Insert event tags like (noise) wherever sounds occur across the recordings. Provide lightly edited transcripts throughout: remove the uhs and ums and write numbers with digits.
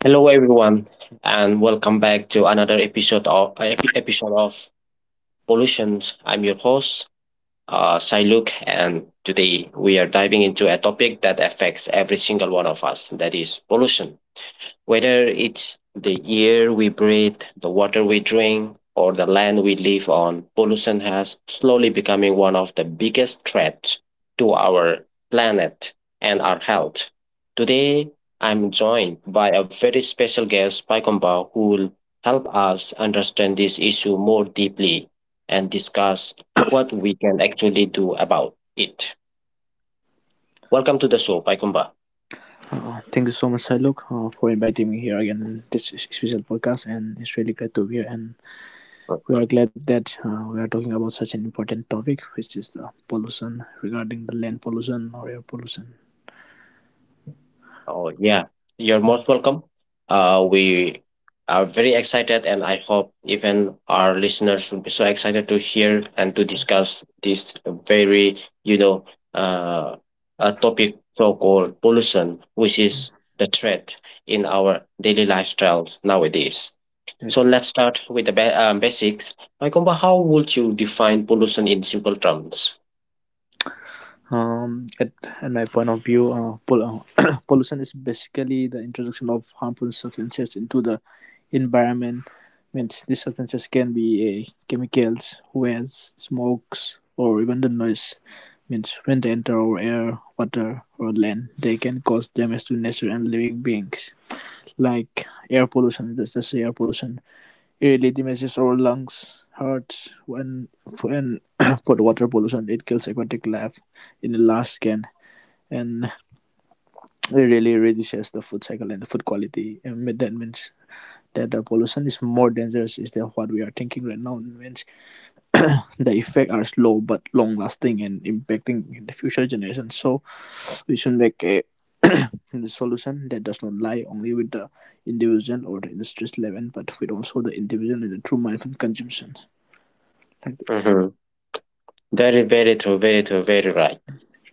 Hello everyone, and welcome back to another episode of Pollution. I'm your host, Siluk, and today we are diving into a topic that affects every single one of us. That is pollution. Whether it's the air we breathe, the water we drink, or the land we live on, pollution has slowly becoming one of the biggest threats to our planet and our health. Today, I'm joined by a very special guest, Pai Komba, who will help us understand this issue more deeply and discuss what we can actually do about it. Welcome to the show, Pai Komba. Thank you so much, Siluk, for inviting me here again in this special podcast, and it's really great to be here. And we are glad that we are talking about such an important topic, which is the pollution regarding the land pollution or air pollution. Oh, yeah. You're most welcome. We are very excited, and I hope even our listeners will be so excited to hear and to discuss this very, you know, uh, a topic so-called pollution, which is the threat in our daily lifestyles nowadays. So Yes. let's start with the basics. Mykomba, how would you define pollution in simple terms? um at, at my point of view (coughs) (clears throat) pollution is basically the introduction of harmful substances into the environment, means these substances can be chemicals, waste, smokes, or even the noise, means when they enter our air, water, or land they can cause damage to nature and living beings. Like air pollution, let's just say air pollution really damages our lungs, hearts, when when (coughs) (clears throat) for the water pollution it kills aquatic life in the large scale, and it really reduces the food cycle and the food quality. And that means that the pollution is more dangerous is than what we are thinking right now. It means (coughs) (clears throat) the effects are slow but long lasting and impacting in the future generations. So we should make a (coughs) (clears throat) the solution that does not lie only with the individual or the industry's level, but with also the individual in the true mindful consumption. Thank you. Very, very true. Very true. Very right.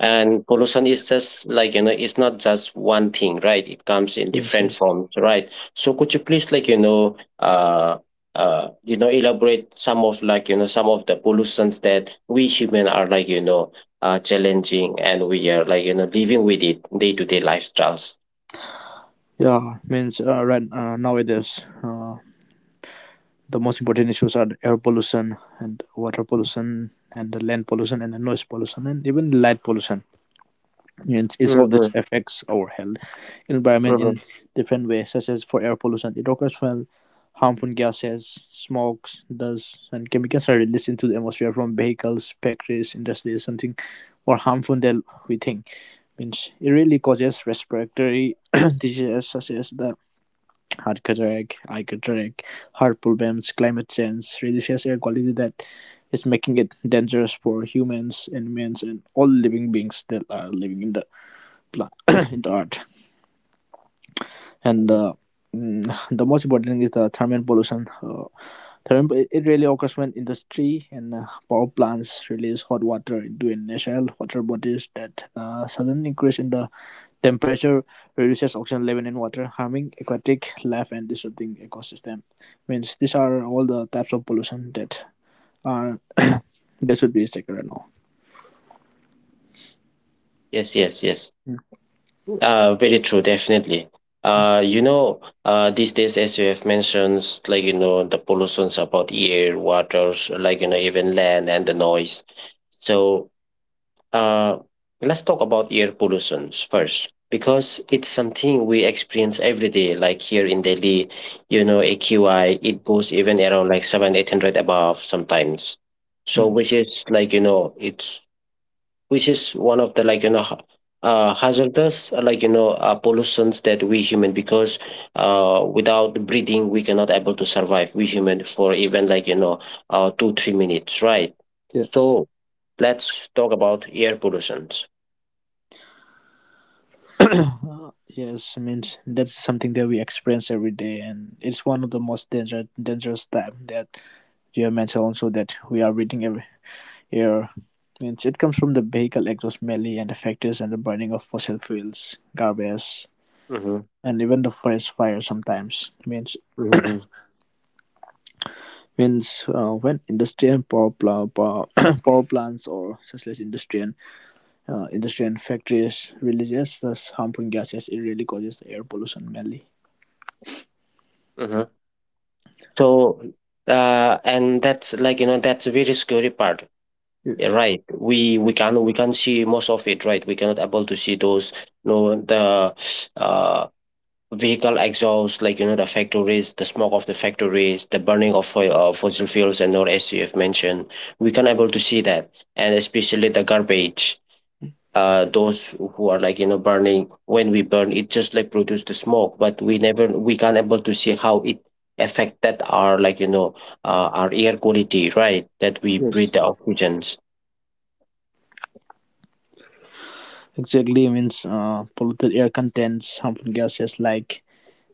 And pollution is just like, you know, it's not just one thing, right? It comes in Yes, different yes. forms, right? So could you please like, you know, elaborate some of like, you know, some of the pollutions that we human are like, you know, challenging and we are like, you know, living with it day to day lifestyles. Yeah, means right, nowadays the most important issues are the air pollution and water pollution and the land pollution and the noise pollution and even light pollution. And each of Mm-hmm, this affects our health, environment mm-hmm, in different ways, such as for air pollution, it occurs when harmful gases, smokes, dust, and chemicals are released into the atmosphere from vehicles, factories, industries, something more harmful than we think. Means it really causes respiratory (clears throat) diseases such as the hard-correct, high-correct, heart problems, climate change, reduced air quality that is making it dangerous for humans, animals, and all living beings that are living in the pla- (coughs) (clears throat) in the earth. And hmm. Mm, the most important thing is the thermal pollution. Third, it really occurs when industry and power plants release hot water into initial water bodies, that sudden increase in the temperature reduces oxygen level in water, harming aquatic life and disrupting ecosystem. Means these are all the types of pollution that are that should be taken right now. Yes, yes, yes. Mm. Very true, definitely. Uh, you know, these days, as you have mentioned, like, you know, the pollutions about air, waters, like, you know, even land and the noise. So, uh, let's talk about air pollutions first, because it's something we experience every day, like here in Delhi, you know, AQI, it goes even around like seven, 800 above sometimes. So, Mm. which is like, you know, it's which is one of the like you know hazardous like you know pollutions that we human because without breathing we cannot able to survive we human for even like you know 2 3 minutes, right? Yes. So let's talk about air pollutions. (coughs) (clears throat) Yes, means that's something that we experience every day, and it's one of the most dangerous type that you have mentioned also, that we are reading every air, means it comes from the vehicle exhaust mainly and the factories and the burning of fossil fuels, garbage, Mm-hmm. and even the forest fire sometimes. Means Mm-hmm. means when industry and power, (coughs) (clears throat) power plants, or such as industry and industry and factories releases those harmful gases, it really causes the air pollution mainly. Mm-hmm. So and that's like you know that's a very scary part. Yes. Yeah, right, we can see most of it, right? We cannot able to see those, you know, the (sniffs) uh, vehicle exhaust, like you know the factories, the smoke of the factories, the burning of fossil fuels, and all as you have mentioned, we can able to see that, and especially the garbage. Those who are like you know burning when we burn it just like produce the smoke but we never we can't able to see how it affected our like you know our air quality, right? That we breathe Yes. the oxygens. Exactly, means polluted air contains harmful gases like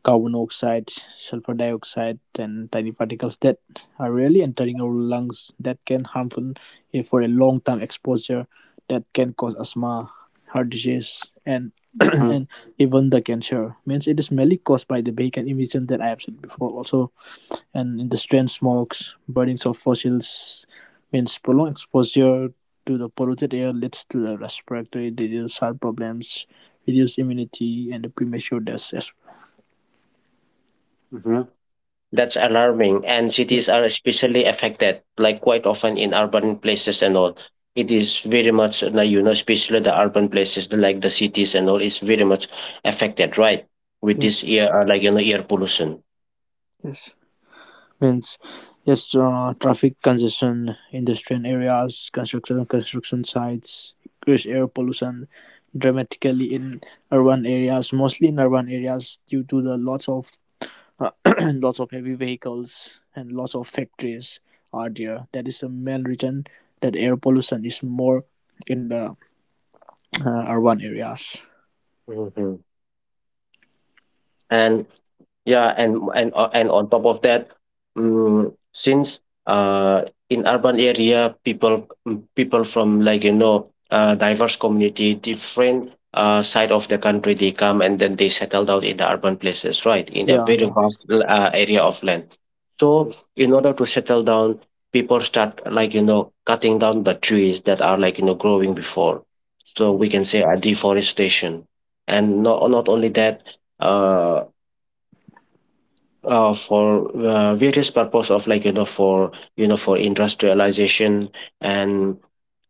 carbon dioxide, sulfur dioxide, and tiny particles that are really entering our lungs that can harmful if for a long time exposure, that can cause asthma, heart disease, and (clears throat) Mhm. and even the cancer. Means it is mainly caused by the vehicle emission that I have said before also, and in the strange smokes, burnings of fossils, means prolonged exposure to the polluted air leads to the respiratory disease, heart problems, reduced immunity and the premature death as Mhm. That's alarming. And well. cities are especially affected, like quite often in urban places and all. It is very much, especially the urban places, like the cities and all, is very much affected, right? With Yeah. Yes. this air, like, you know, air pollution. Yes, means yes, traffic congestion, industrial areas, construction sites, increased air pollution dramatically in urban areas, mostly in urban areas due to the lots of (coughs) uh, (clears throat) lots of heavy vehicles and lots of factories are there. That is the main reason that air pollution is more in the urban areas. Mhm. And yeah, and on top of that, mm, since uh, in urban area, people, mm, people from like you know diverse community, different side of the country, they come and then they settle down in the urban places, right? In a Yeah, very yeah. vast area of land. So Yes, in order to settle down, people start like you know cutting down the trees that are like you know growing before. So we yes, can say a deforestation, and not only that. Uh, for various purpose of like you know for industrialization and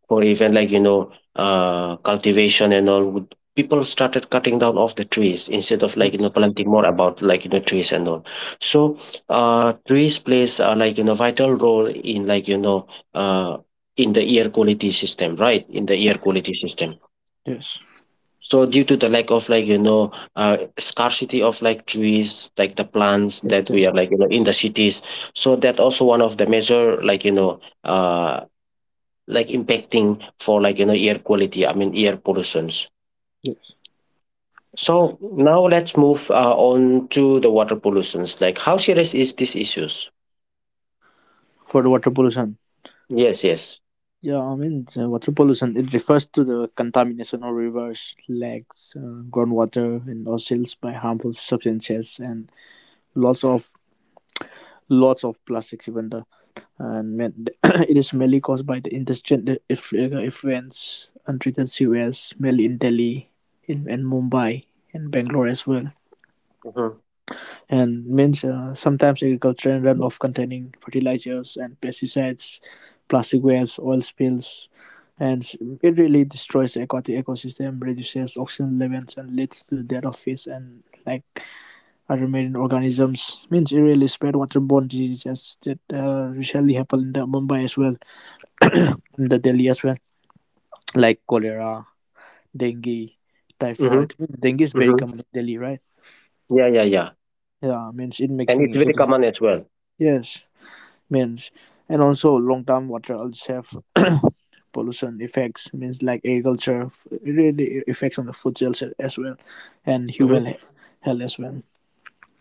for even like you know cultivation and all would- people started cutting down off the trees instead of like you yes, know planting more about like you know trees and all. So trees plays like you know vital role in like you know uh in the air quality system, right? In the air quality system. yes. So due to the lack of like you know scarcity of like trees, like the plants that we Yes. are like you know in the cities, so that also one of the major like you know like impacting for like you know air quality. I mean air pollutions. Yes. So now let's move on to the water pollutions. Like how serious is these issues? For the water pollution. Yes, yes. Yeah, I mean, water pollution, it refers to the contamination of rivers, lakes, groundwater, and oceans by harmful substances and lots of lots of plastics, even the and man, (coughs) (clears throat) it is mainly caused by the industrial effluents, untreated sewers mainly in Delhi, in Mumbai and Bangalore as well, Mm-hmm. and means sometimes agriculture run off containing fertilizers and pesticides, plastic waste, oil spills, and it really destroys the aquatic ecosystem, reduces oxygen levels, and leads to the death of fish and like other marine organisms. Means it really spread waterborne diseases that recently happened in the Mumbai as well, (coughs) (clears throat) in the Delhi as well, like cholera, dengue, Mm-hmm. typhoid. Dengue is very Mm-hmm. common in Delhi, right? Yeah, yeah, yeah. Yeah, means it And it's making very it. common as well. Yes. Means and also long term water also have (coughs) (clears throat) pollution effects, means like agriculture really effects on the food sales as well and Mm-hmm. Health as well.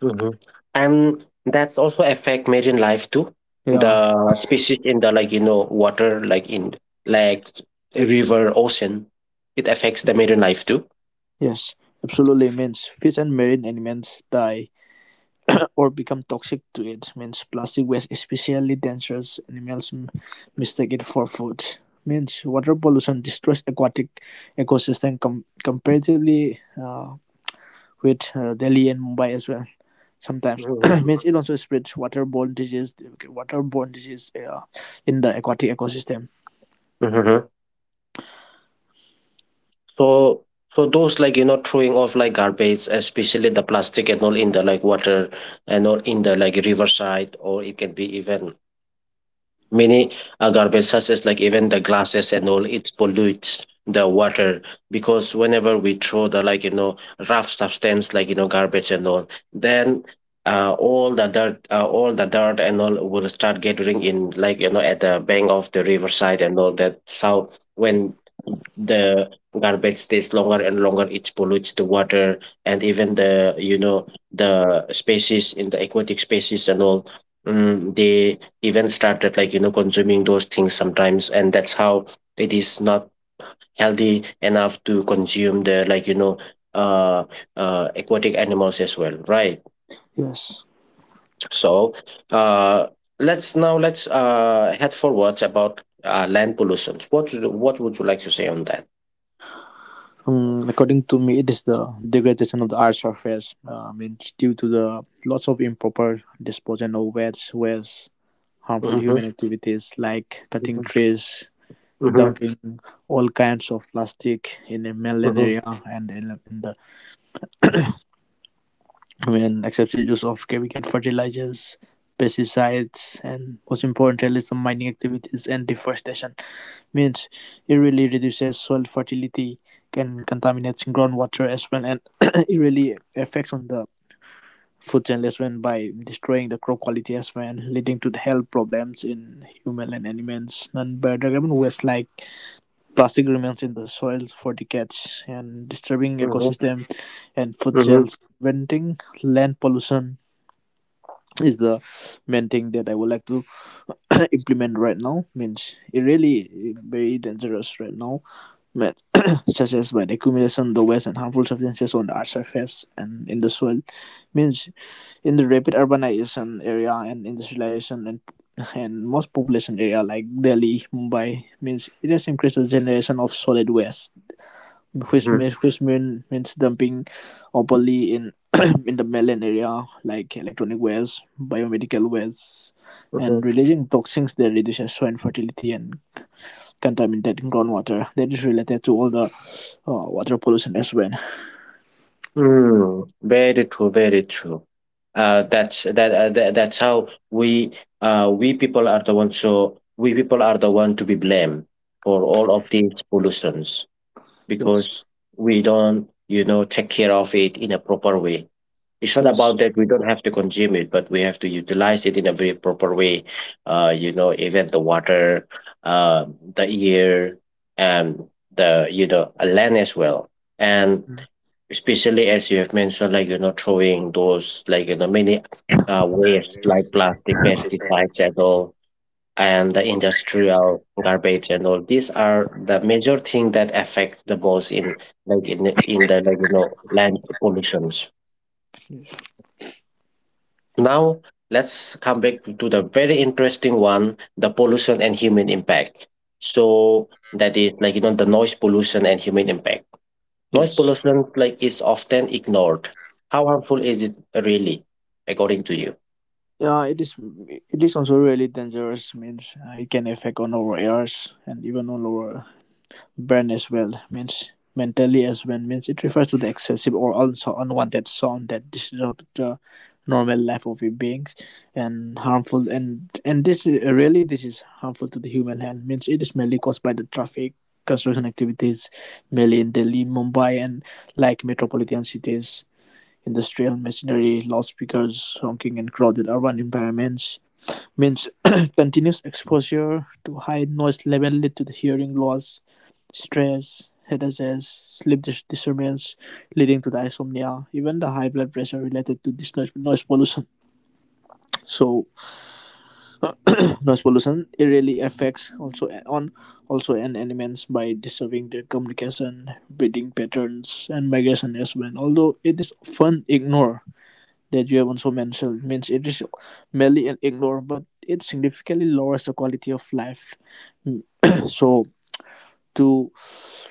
Mhm. And that's also affect marine life too. Yeah. The species in the like you know water, like in like river, ocean, it affects the marine life too. Yes, absolutely, means fish and marine animals die (clears throat) or become toxic to it, means plastic waste especially dangerous, animals mistake it for food, means water pollution destroys aquatic ecosystem comparatively with Delhi and Mumbai as well sometimes. Hmm. (clears throat) Means it also spreads waterborne disease, okay, waterborne disease in the aquatic ecosystem. Hmm. So so those like you know throwing off like garbage, especially the plastic and all in the like water and all in the like riverside, or it can be even many garbage such as like even the glasses and all, it pollutes the water because whenever we throw the like you know rough substance like you know garbage and all then all the dirt and all will start gathering in like you know at the bank of the riverside and all that. So when the garbage stays longer and longer it pollutes the water and even the you know the species in the aquatic species and all, mm, they even started like you know consuming those things sometimes and that's how it is not healthy enough to consume the like you know uh, aquatic animals as well, right? Yes. So uh let's now let's head forwards about land pollutions. What would you like to say on that? According to me, it is the degradation of the earth's surface means due to the lots of improper disposal of waste, harmful Mm-hmm, human activities like cutting mm-hmm, trees, mm-hmm, dumping all kinds of plastic in the mainland area and in the when excessive use of chemical fertilizers, pesticides, and most importantly, some mining activities and deforestation, means it really reduces soil fertility, can contaminate groundwater as well, and (clears throat) it really affects on the food chain as well by destroying the crop quality as well, leading to the health problems in human and animals. And biodegradable waste like plastic remains in the soil for decades and disturbing mm-hmm, ecosystem and food mm-hmm, chains, preventing land pollution is the main thing that I would like to (coughs) (clears throat) implement right now. Means it really very dangerous right now, but (coughs) (clears throat) such as by the accumulation of the waste and harmful substances on the earth surface and in the soil. Means in the rapid urbanization area and industrialization and most population area like Delhi, Mumbai, means it has increased the generation of solid waste which mm-hmm. means which mean, means dumping openly in (clears throat) in the mainland area like electronic waste, biomedical waste, and releasing toxins that reduces soil fertility and contaminated groundwater. That is related to all the water pollution as well. Mm, very true, very true. That that's how we, we people are the ones, so we people are the one to be blamed for all of these pollutions because Yes. we don't, you know, take care of it in a proper way. It's not Yes. about that we don't have to consume it, but we have to utilize it in a very proper way. You know, even the water, uh, the air, and the you know land as well. And especially as you have mentioned, like, you know, throwing those, like, you know, many waste like plastic, pesticides and all, and the industrial garbage and all. These are the major thing that affects the most in, like, in in the Yes. like, you know, land pollutions. Now let's come back to the very interesting one: the pollution and human impact. So that is like you know the noise pollution and human impact. Noise Yes. pollution like is often ignored. How harmful is it really, according to you? Yeah, it is. It is also really dangerous. Means it can affect on our ears and even on our burn as well, means mentally as well, means it refers to the excessive or also unwanted sound that disrupts the normal life of a being and harmful and this is- really this is harmful to the human health, means it is mainly caused by the traffic, construction activities mainly in Delhi, Mumbai, and like metropolitan cities, industrial machinery, loudspeakers, honking, and crowded urban environments, means (clears throat) continuous exposure to high noise level lead to the hearing loss, stress, headaches, disturbance, leading to the insomnia, even the high blood pressure related to this noise pollution. So (clears throat) noise pollution, it really affects also on also an animals by disturbing their communication, breeding patterns, and migration as well. Although it is often ignored, that you have also mentioned, means it is merely an ignore, but it significantly lowers the quality of life. Mm. (clears throat) So to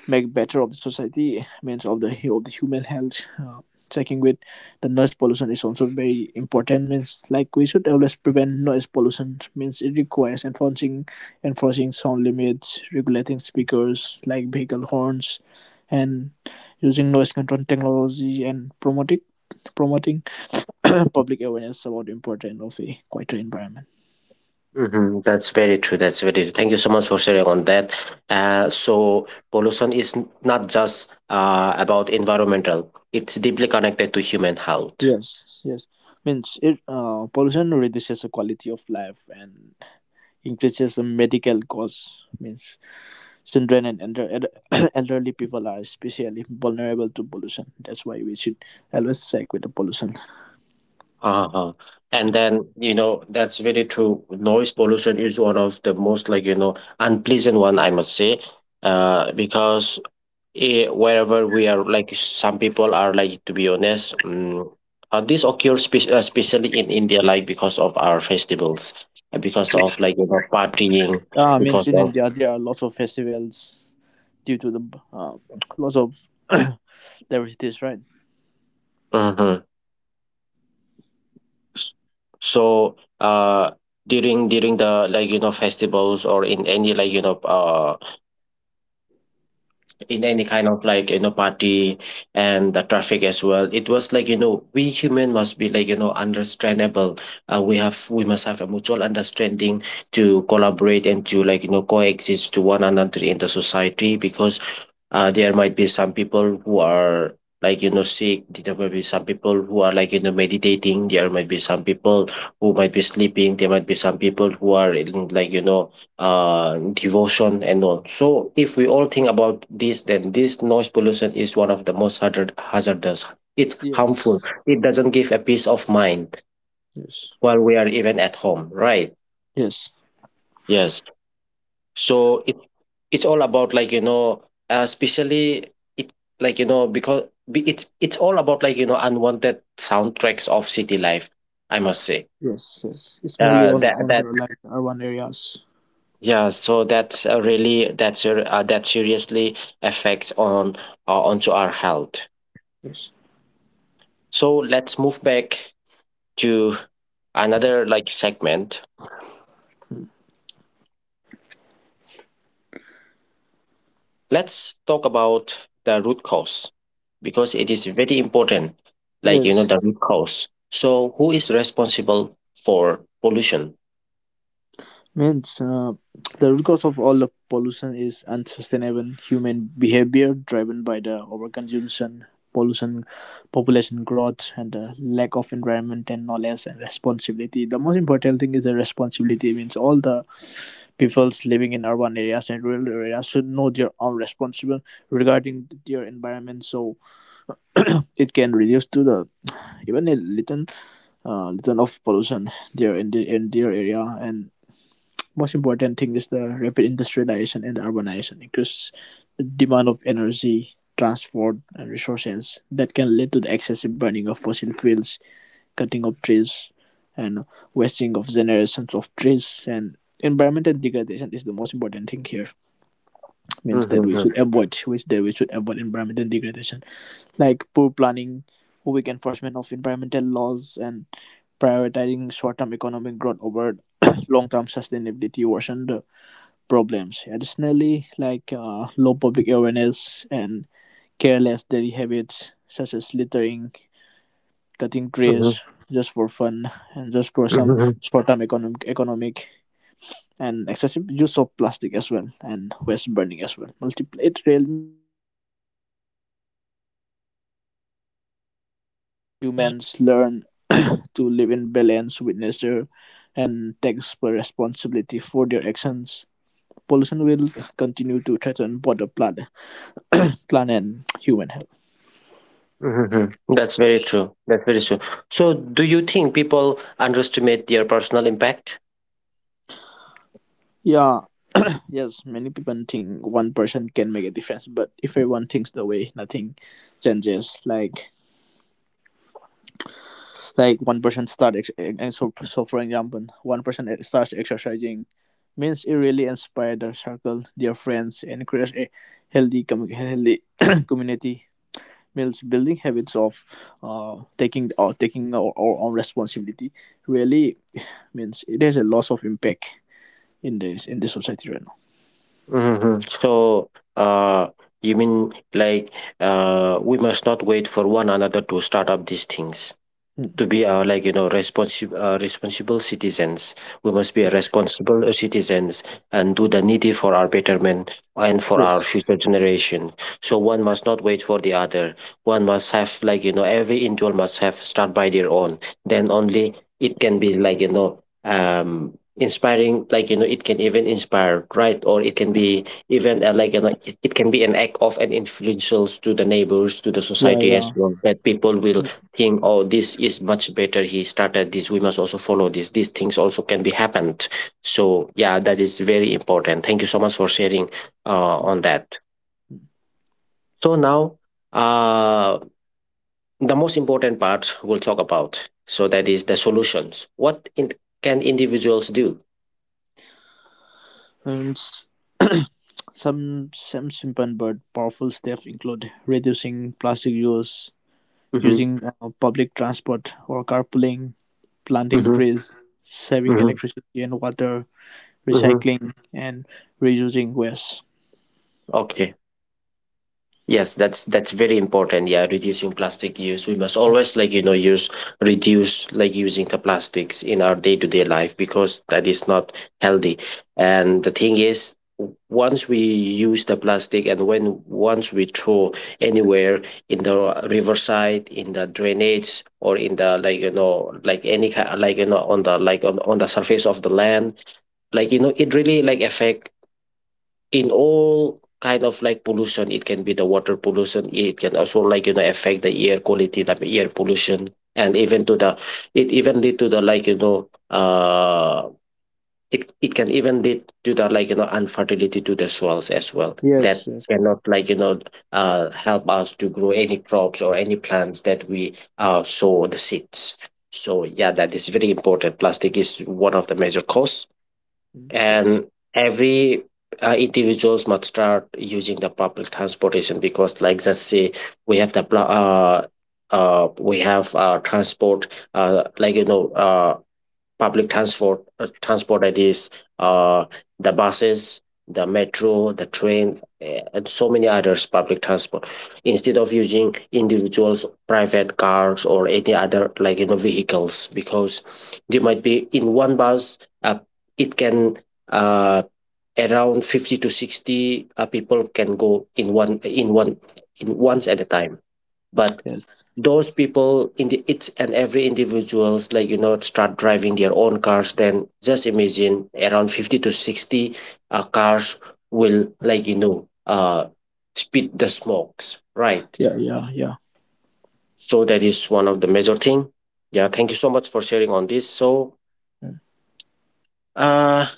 make better of the society, means of the of the human health, checking with the noise pollution is also very important, means like we should always prevent noise pollution, means it requires enforcing sound limits, regulating speakers like vehicle horns, and using noise control technology, and promoting (coughs) (clears throat) public awareness about the importance of a quieter environment. Mm-hmm. That's very true. That's very true. Thank you so much for sharing on that. So pollution is not just about environmental; it's deeply connected to human health. Yes, yes. Means it pollution reduces the quality of life and increases the medical costs. Means children and (coughs) (clears throat) elderly people are especially vulnerable to pollution. That's why we should always check with the pollution. Uh-huh. And then, you know, that's very true. Noise pollution is one of the most like, you know, unpleasant one, I must say, because eh, wherever we are, like some people are like, to be honest, this occurs especially in India, like because of our festivals, because of like, you know, partying, because Means in of, India there are lots of festivals due to the uh, lots of (coughs) (clears throat) diversities, right? hmm, so during the like you know festivals or in any like you know in any kind of like you know party and the traffic as well, it was like you know we human must be like you know understandable. We must have a mutual understanding to collaborate and to like you know coexist to one another in the society, because there might be some people who are like you know sick, there might be some people who are like you know meditating, there might be some people who might be sleeping, there might be some people who are in like you know devotion and all. So if we all think about this, then this noise pollution is one of the most hazardous, it's Yes, harmful, it doesn't give a peace of mind yes, while we are even at home, right? yes, Yes. So it's all about like you know especially, it like you know because it's all about like you know unwanted soundtracks of city life, I must say. yes, yes. It's mainly on That the that like urban areas. Yeah, so that's that seriously affects on onto our health. Yes. So let's move back to another like segment. Let's talk about the root cause, because it is very important. Like, you know, Yes. the root cause. So, who is responsible for pollution? Means the root cause of all the pollution is unsustainable human behavior driven by the overconsumption, pollution, population growth, and the lack of environment and knowledge and responsibility. The most important thing is the responsibility. Means all the peoples living in urban areas and rural areas should know their own responsible regarding their environment. So (clears throat) it can reduce to the even a little little of pollution there in the in their area. And most important thing is the rapid industrialization and urbanization increase the demand of energy, transport, and resources that can lead to the excessive burning of fossil fuels, cutting of trees, and wasting of generations of trees. And environmental degradation is the most important thing here. Means that we Mhm, should avoid, which that we should avoid environmental degradation, like poor planning, weak enforcement of environmental laws, and prioritizing short-term economic growth over (coughs) (clears throat) long-term sustainability worsen the problems. Additionally, like low public awareness and careless daily habits such as littering, cutting mhm, trees just for fun and just for some mhm, short-term economic and excessive use of plastic as well and waste burning as well. Multiple, it really Humans learn (clears throat) (coughs) to live in balance with nature and takes responsibility for their actions. Pollution will continue to threaten both the planet, (coughs) planet (clears throat) and human health. mhm, mhm. That's very true. That's very true. So, do you think people underestimate their personal impact? Yeah, yes, many people think one person can make a difference, but if everyone thinks the way, nothing changes. Like, one person start ex- and so, so for example, starts exercising, means it really inspires their circle, their friends, and creates a healthy (clears throat) (coughs) community. Means building habits of taking our own responsibility really (sighs) means it has a loss of impact in this in the society right now. Mhm. So, uh, you mean like we must not wait for one another to start up these things? Mm. To be like responsible responsible citizens. We must be a responsible citizens, and do the needy for our betterment and for our Yes. future generation. So one must not wait for the other. One must have, like every individual must have start by their own. Then only it can be, like inspiring. Like it can even inspire, right? Or it can be even like it can be an act of an influential to the neighbors, to the Yeah. society Yeah. as well, that people will Mm. think, oh, this is much better, he started this, we must also follow this, these things also can be happened. So yeah, that is very important. Thank you so much for sharing on that. So now, uh, the most important part we'll talk about, so that is the solutions. What can individuals do? And s- (coughs) (clears throat) some simple but powerful steps include reducing plastic use, Mm-hmm, using public transport or carpooling, planting mm-hmm, trees, saving mm-hmm, electricity and water, mm-hmm. recycling, and reducing waste. Okay. Yes, that's very important. Yeah, reducing plastic use. We must always, like use, reduce like using the plastics in our day-to-day life, because that is not healthy. And the thing is, once we use the plastic, and when once we throw anywhere, in the riverside, in the drainage, or in the, like like any kind, like on the, like on the surface of the land, like it really like affect in all kind of like pollution. It can be the water pollution, it can also, like affect the air quality, the air pollution, and even to the, it even lead to the, like it can even lead to the, like unfertility to the soils as well, Yes. that Yes. cannot, like help us to grow any crops or any plants that we sow the seeds. So yeah, that is very important. Plastic is one of the major cause. Mm, yes. And every individuals must start using the public transportation, because like just say, we have the we have transport, like public transport, transport that is, uh, the buses, the metro, the train, and so many others public transport, instead of using individuals private cars or any other, like vehicles, because they might be in one bus. uh, it can uh, around 50 to 60 people can go in one in one, in once at a time. But Yes. those people in the each and every individuals, like start driving their own cars, then just imagine around 50 to 60 cars will, like spit the smokes, right? Yeah, yeah, yeah, So that is one of the major thing. Yeah, thank you so much for sharing on this. So uh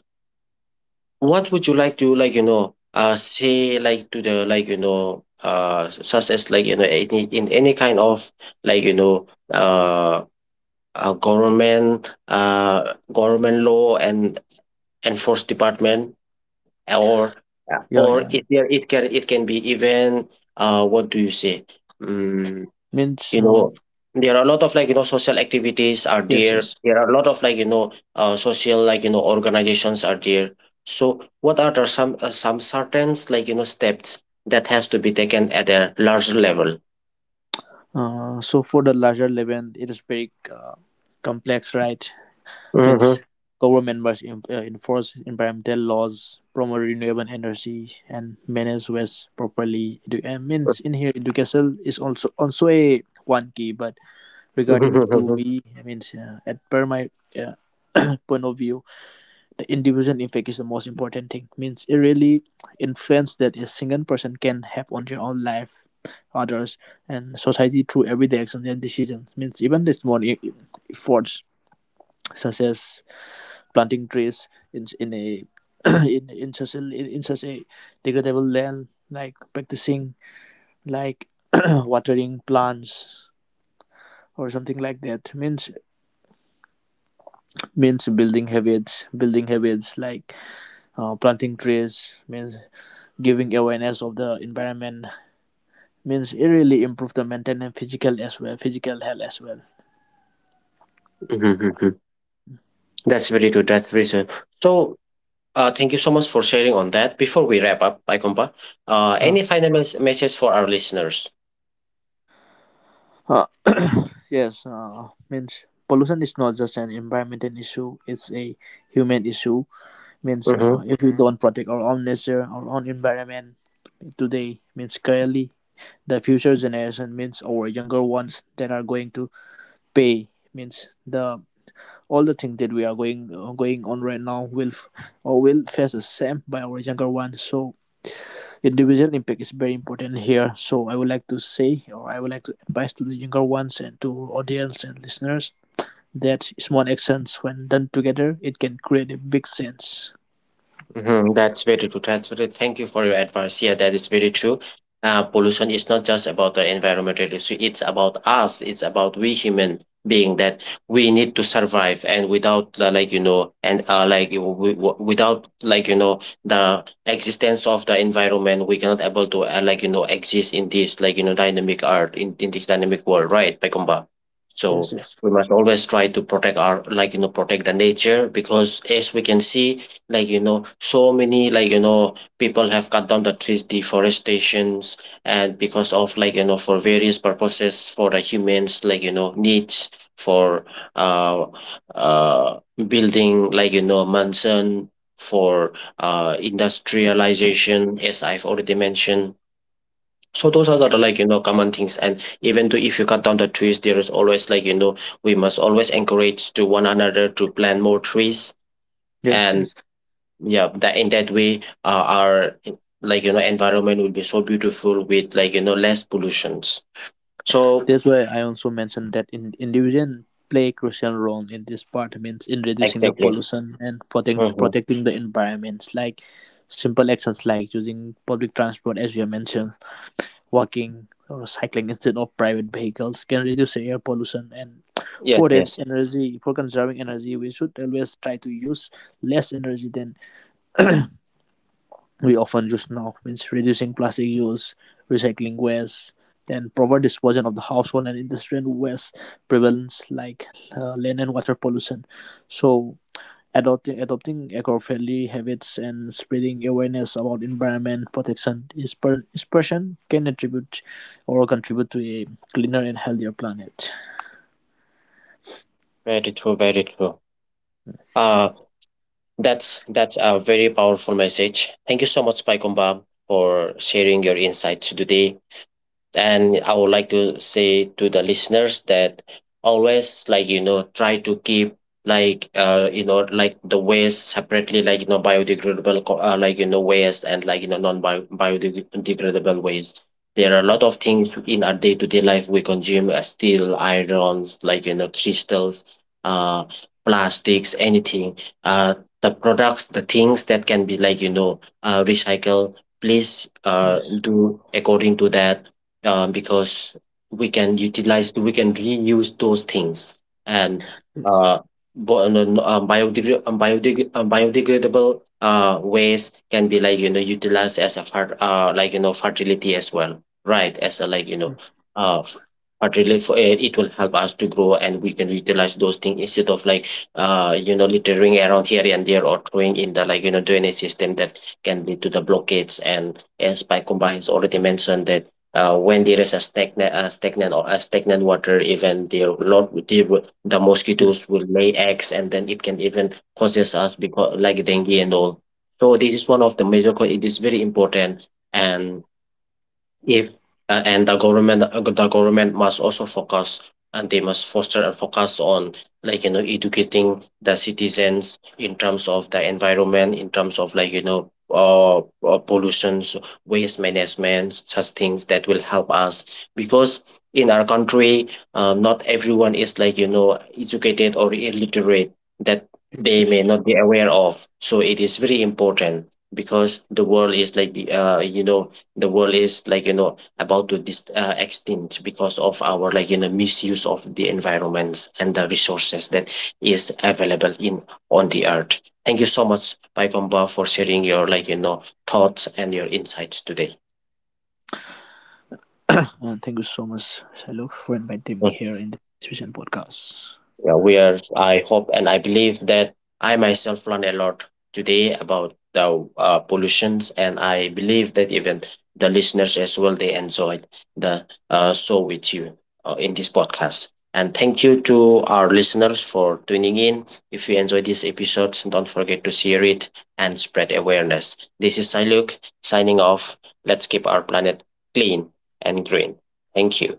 what would you like to, like say, like to the, like such as, like any in any kind of, like uh government, government law and enforce department, or, yeah, yeah, or yeah. Yeah. it, yeah, it can, it can be even, what do you say? mm, you Means know there are a lot of, like social activities are yes, there, yes. there are a lot of, like social, like organizations are there. So what are the some certain, like steps that has to be taken at a larger level? So for the larger level, it is very complex, right? Means Mhm. government must enforce environmental laws, promote renewable energy, and manage waste properly. Means in here, education is also a one key. But regarding to me, I mean, at per my uh, point of view, the individual impact is the most important thing, means it really influence that a single person can have on their own life, others, and society through everyday actions and decisions. Means even the small efforts such as planting trees in a (clears throat) in such a degradable land, like practicing, like (clears throat) watering plants or something like that. Means building habits, building habits, like planting trees, means giving awareness of the environment, means it really improves the mental and physical as well, physical health as well. (laughs) That's very true. That's very true. So, thank you so much for sharing on that. Before we wrap up, Icompa, uh, any final message for our listeners? uh, (coughs) (clears throat) yes, means pollution is not just an environmental issue, it's a human issue. Means Mhm. if we don't protect our own nature, our own environment today, means clearly the future generation, means our younger ones, that are going to pay. Means the all the things that we are going going on right now will f- or will face the same by our younger ones. So individual impact is very important here. So I would like to say, or I would like to advise to the younger ones and to audience and listeners that small actions, when done together, it can create a big sense. Mhm, that's very true. That's very, thank you for your advice. Yeah, that is very true. Pollution is not just about the environmental issue. It's about us. It's about we human being, that we need to survive. And without the, like and without, like the existence of the environment, we cannot able to like exist in this, like dynamic art, in this dynamic world, right, Pakumba? So Yes, yes, we must always try to protect our, like protect the nature, because as we can see, like so many, like people have cut down the trees, deforestations, and because of, like for various purposes, for the humans, like needs, for uh uh building, like mansion, for industrialization, as I've already mentioned. So those are the, like common things, and even though if you cut down the trees, there is always, like we must always encourage to one another to plant more trees. yes, And yes. yeah, that in that way, our like environment will be so beautiful with, like less pollutions. So That's why I also mentioned that in individual play a crucial role in this part, means in reducing the exactly. pollution and Hmm. protecting the environments. Like simple actions like using public transport, as you have mentioned, walking or cycling instead of private vehicles, can reduce air pollution. And for Yes, that yes, energy, for conserving energy, we should always try to use less energy than we often use now. Means reducing plastic use, recycling waste, and proper disposal of the household and industrial waste, prevalence like land and water pollution. So adopting eco-friendly habits and spreading awareness about environment protection is, is person can attribute or contribute to a cleaner and healthier planet. very true, very true. Uh, that's a very powerful message. Thank you so much, Paikumba, for sharing your insights today. And I would like to say to the listeners that always, like try to keep, like like the waste separately, like biodegradable like waste, and, like non biodegradable waste. There are a lot of things in our day-to-day life we consume, steel irons, like crystals, uh plastics, anything, uh the products, the things that can be, like recycled, please Yes. do according to that, because we can utilize, we can reuse those things. And uh, bo- no- no, biodegradable waste can be, like, utilized as a like, fertility as well, right? As a, like, uh, f- fertility, for, it will help us to grow, and we can utilize those things instead of, like, littering around here and there, or throwing in the, like, drainage system, that can lead to the blockades. And as by combines already mentioned, that when there is a stagnant water, even the Yes. mosquitoes will lay eggs, and then it can even causes us, because like dengue and all. So this is one of the major it is very important. And if and the government the government must also focus, and they must foster a focus on, like educating the citizens in terms of the environment, in terms of, like pollutions, waste management, such things that will help us. Because in our country, not everyone is, like educated or illiterate, that Yes. (coughs) they may Yes. not be aware of. So it is very important, because the world is like the world is, like about to extinct, because of our, like misuse of the environments and the resources that is available in, on the earth. Thank you so much, Baikomba, for sharing your, like thoughts and your insights today. (clears throat) Thank you so much, Shalok, for inviting me here in the vision podcast. Yeah, where I hope and I believe that I myself learn a lot today about the pollutions, and I believe that even the listeners as well, they enjoyed the show with you in this podcast. And thank you to our listeners for tuning in. If you enjoyed this episode, don't forget to share it and spread awareness. This is Siluk signing off. Let's keep our planet clean and green. Thank you.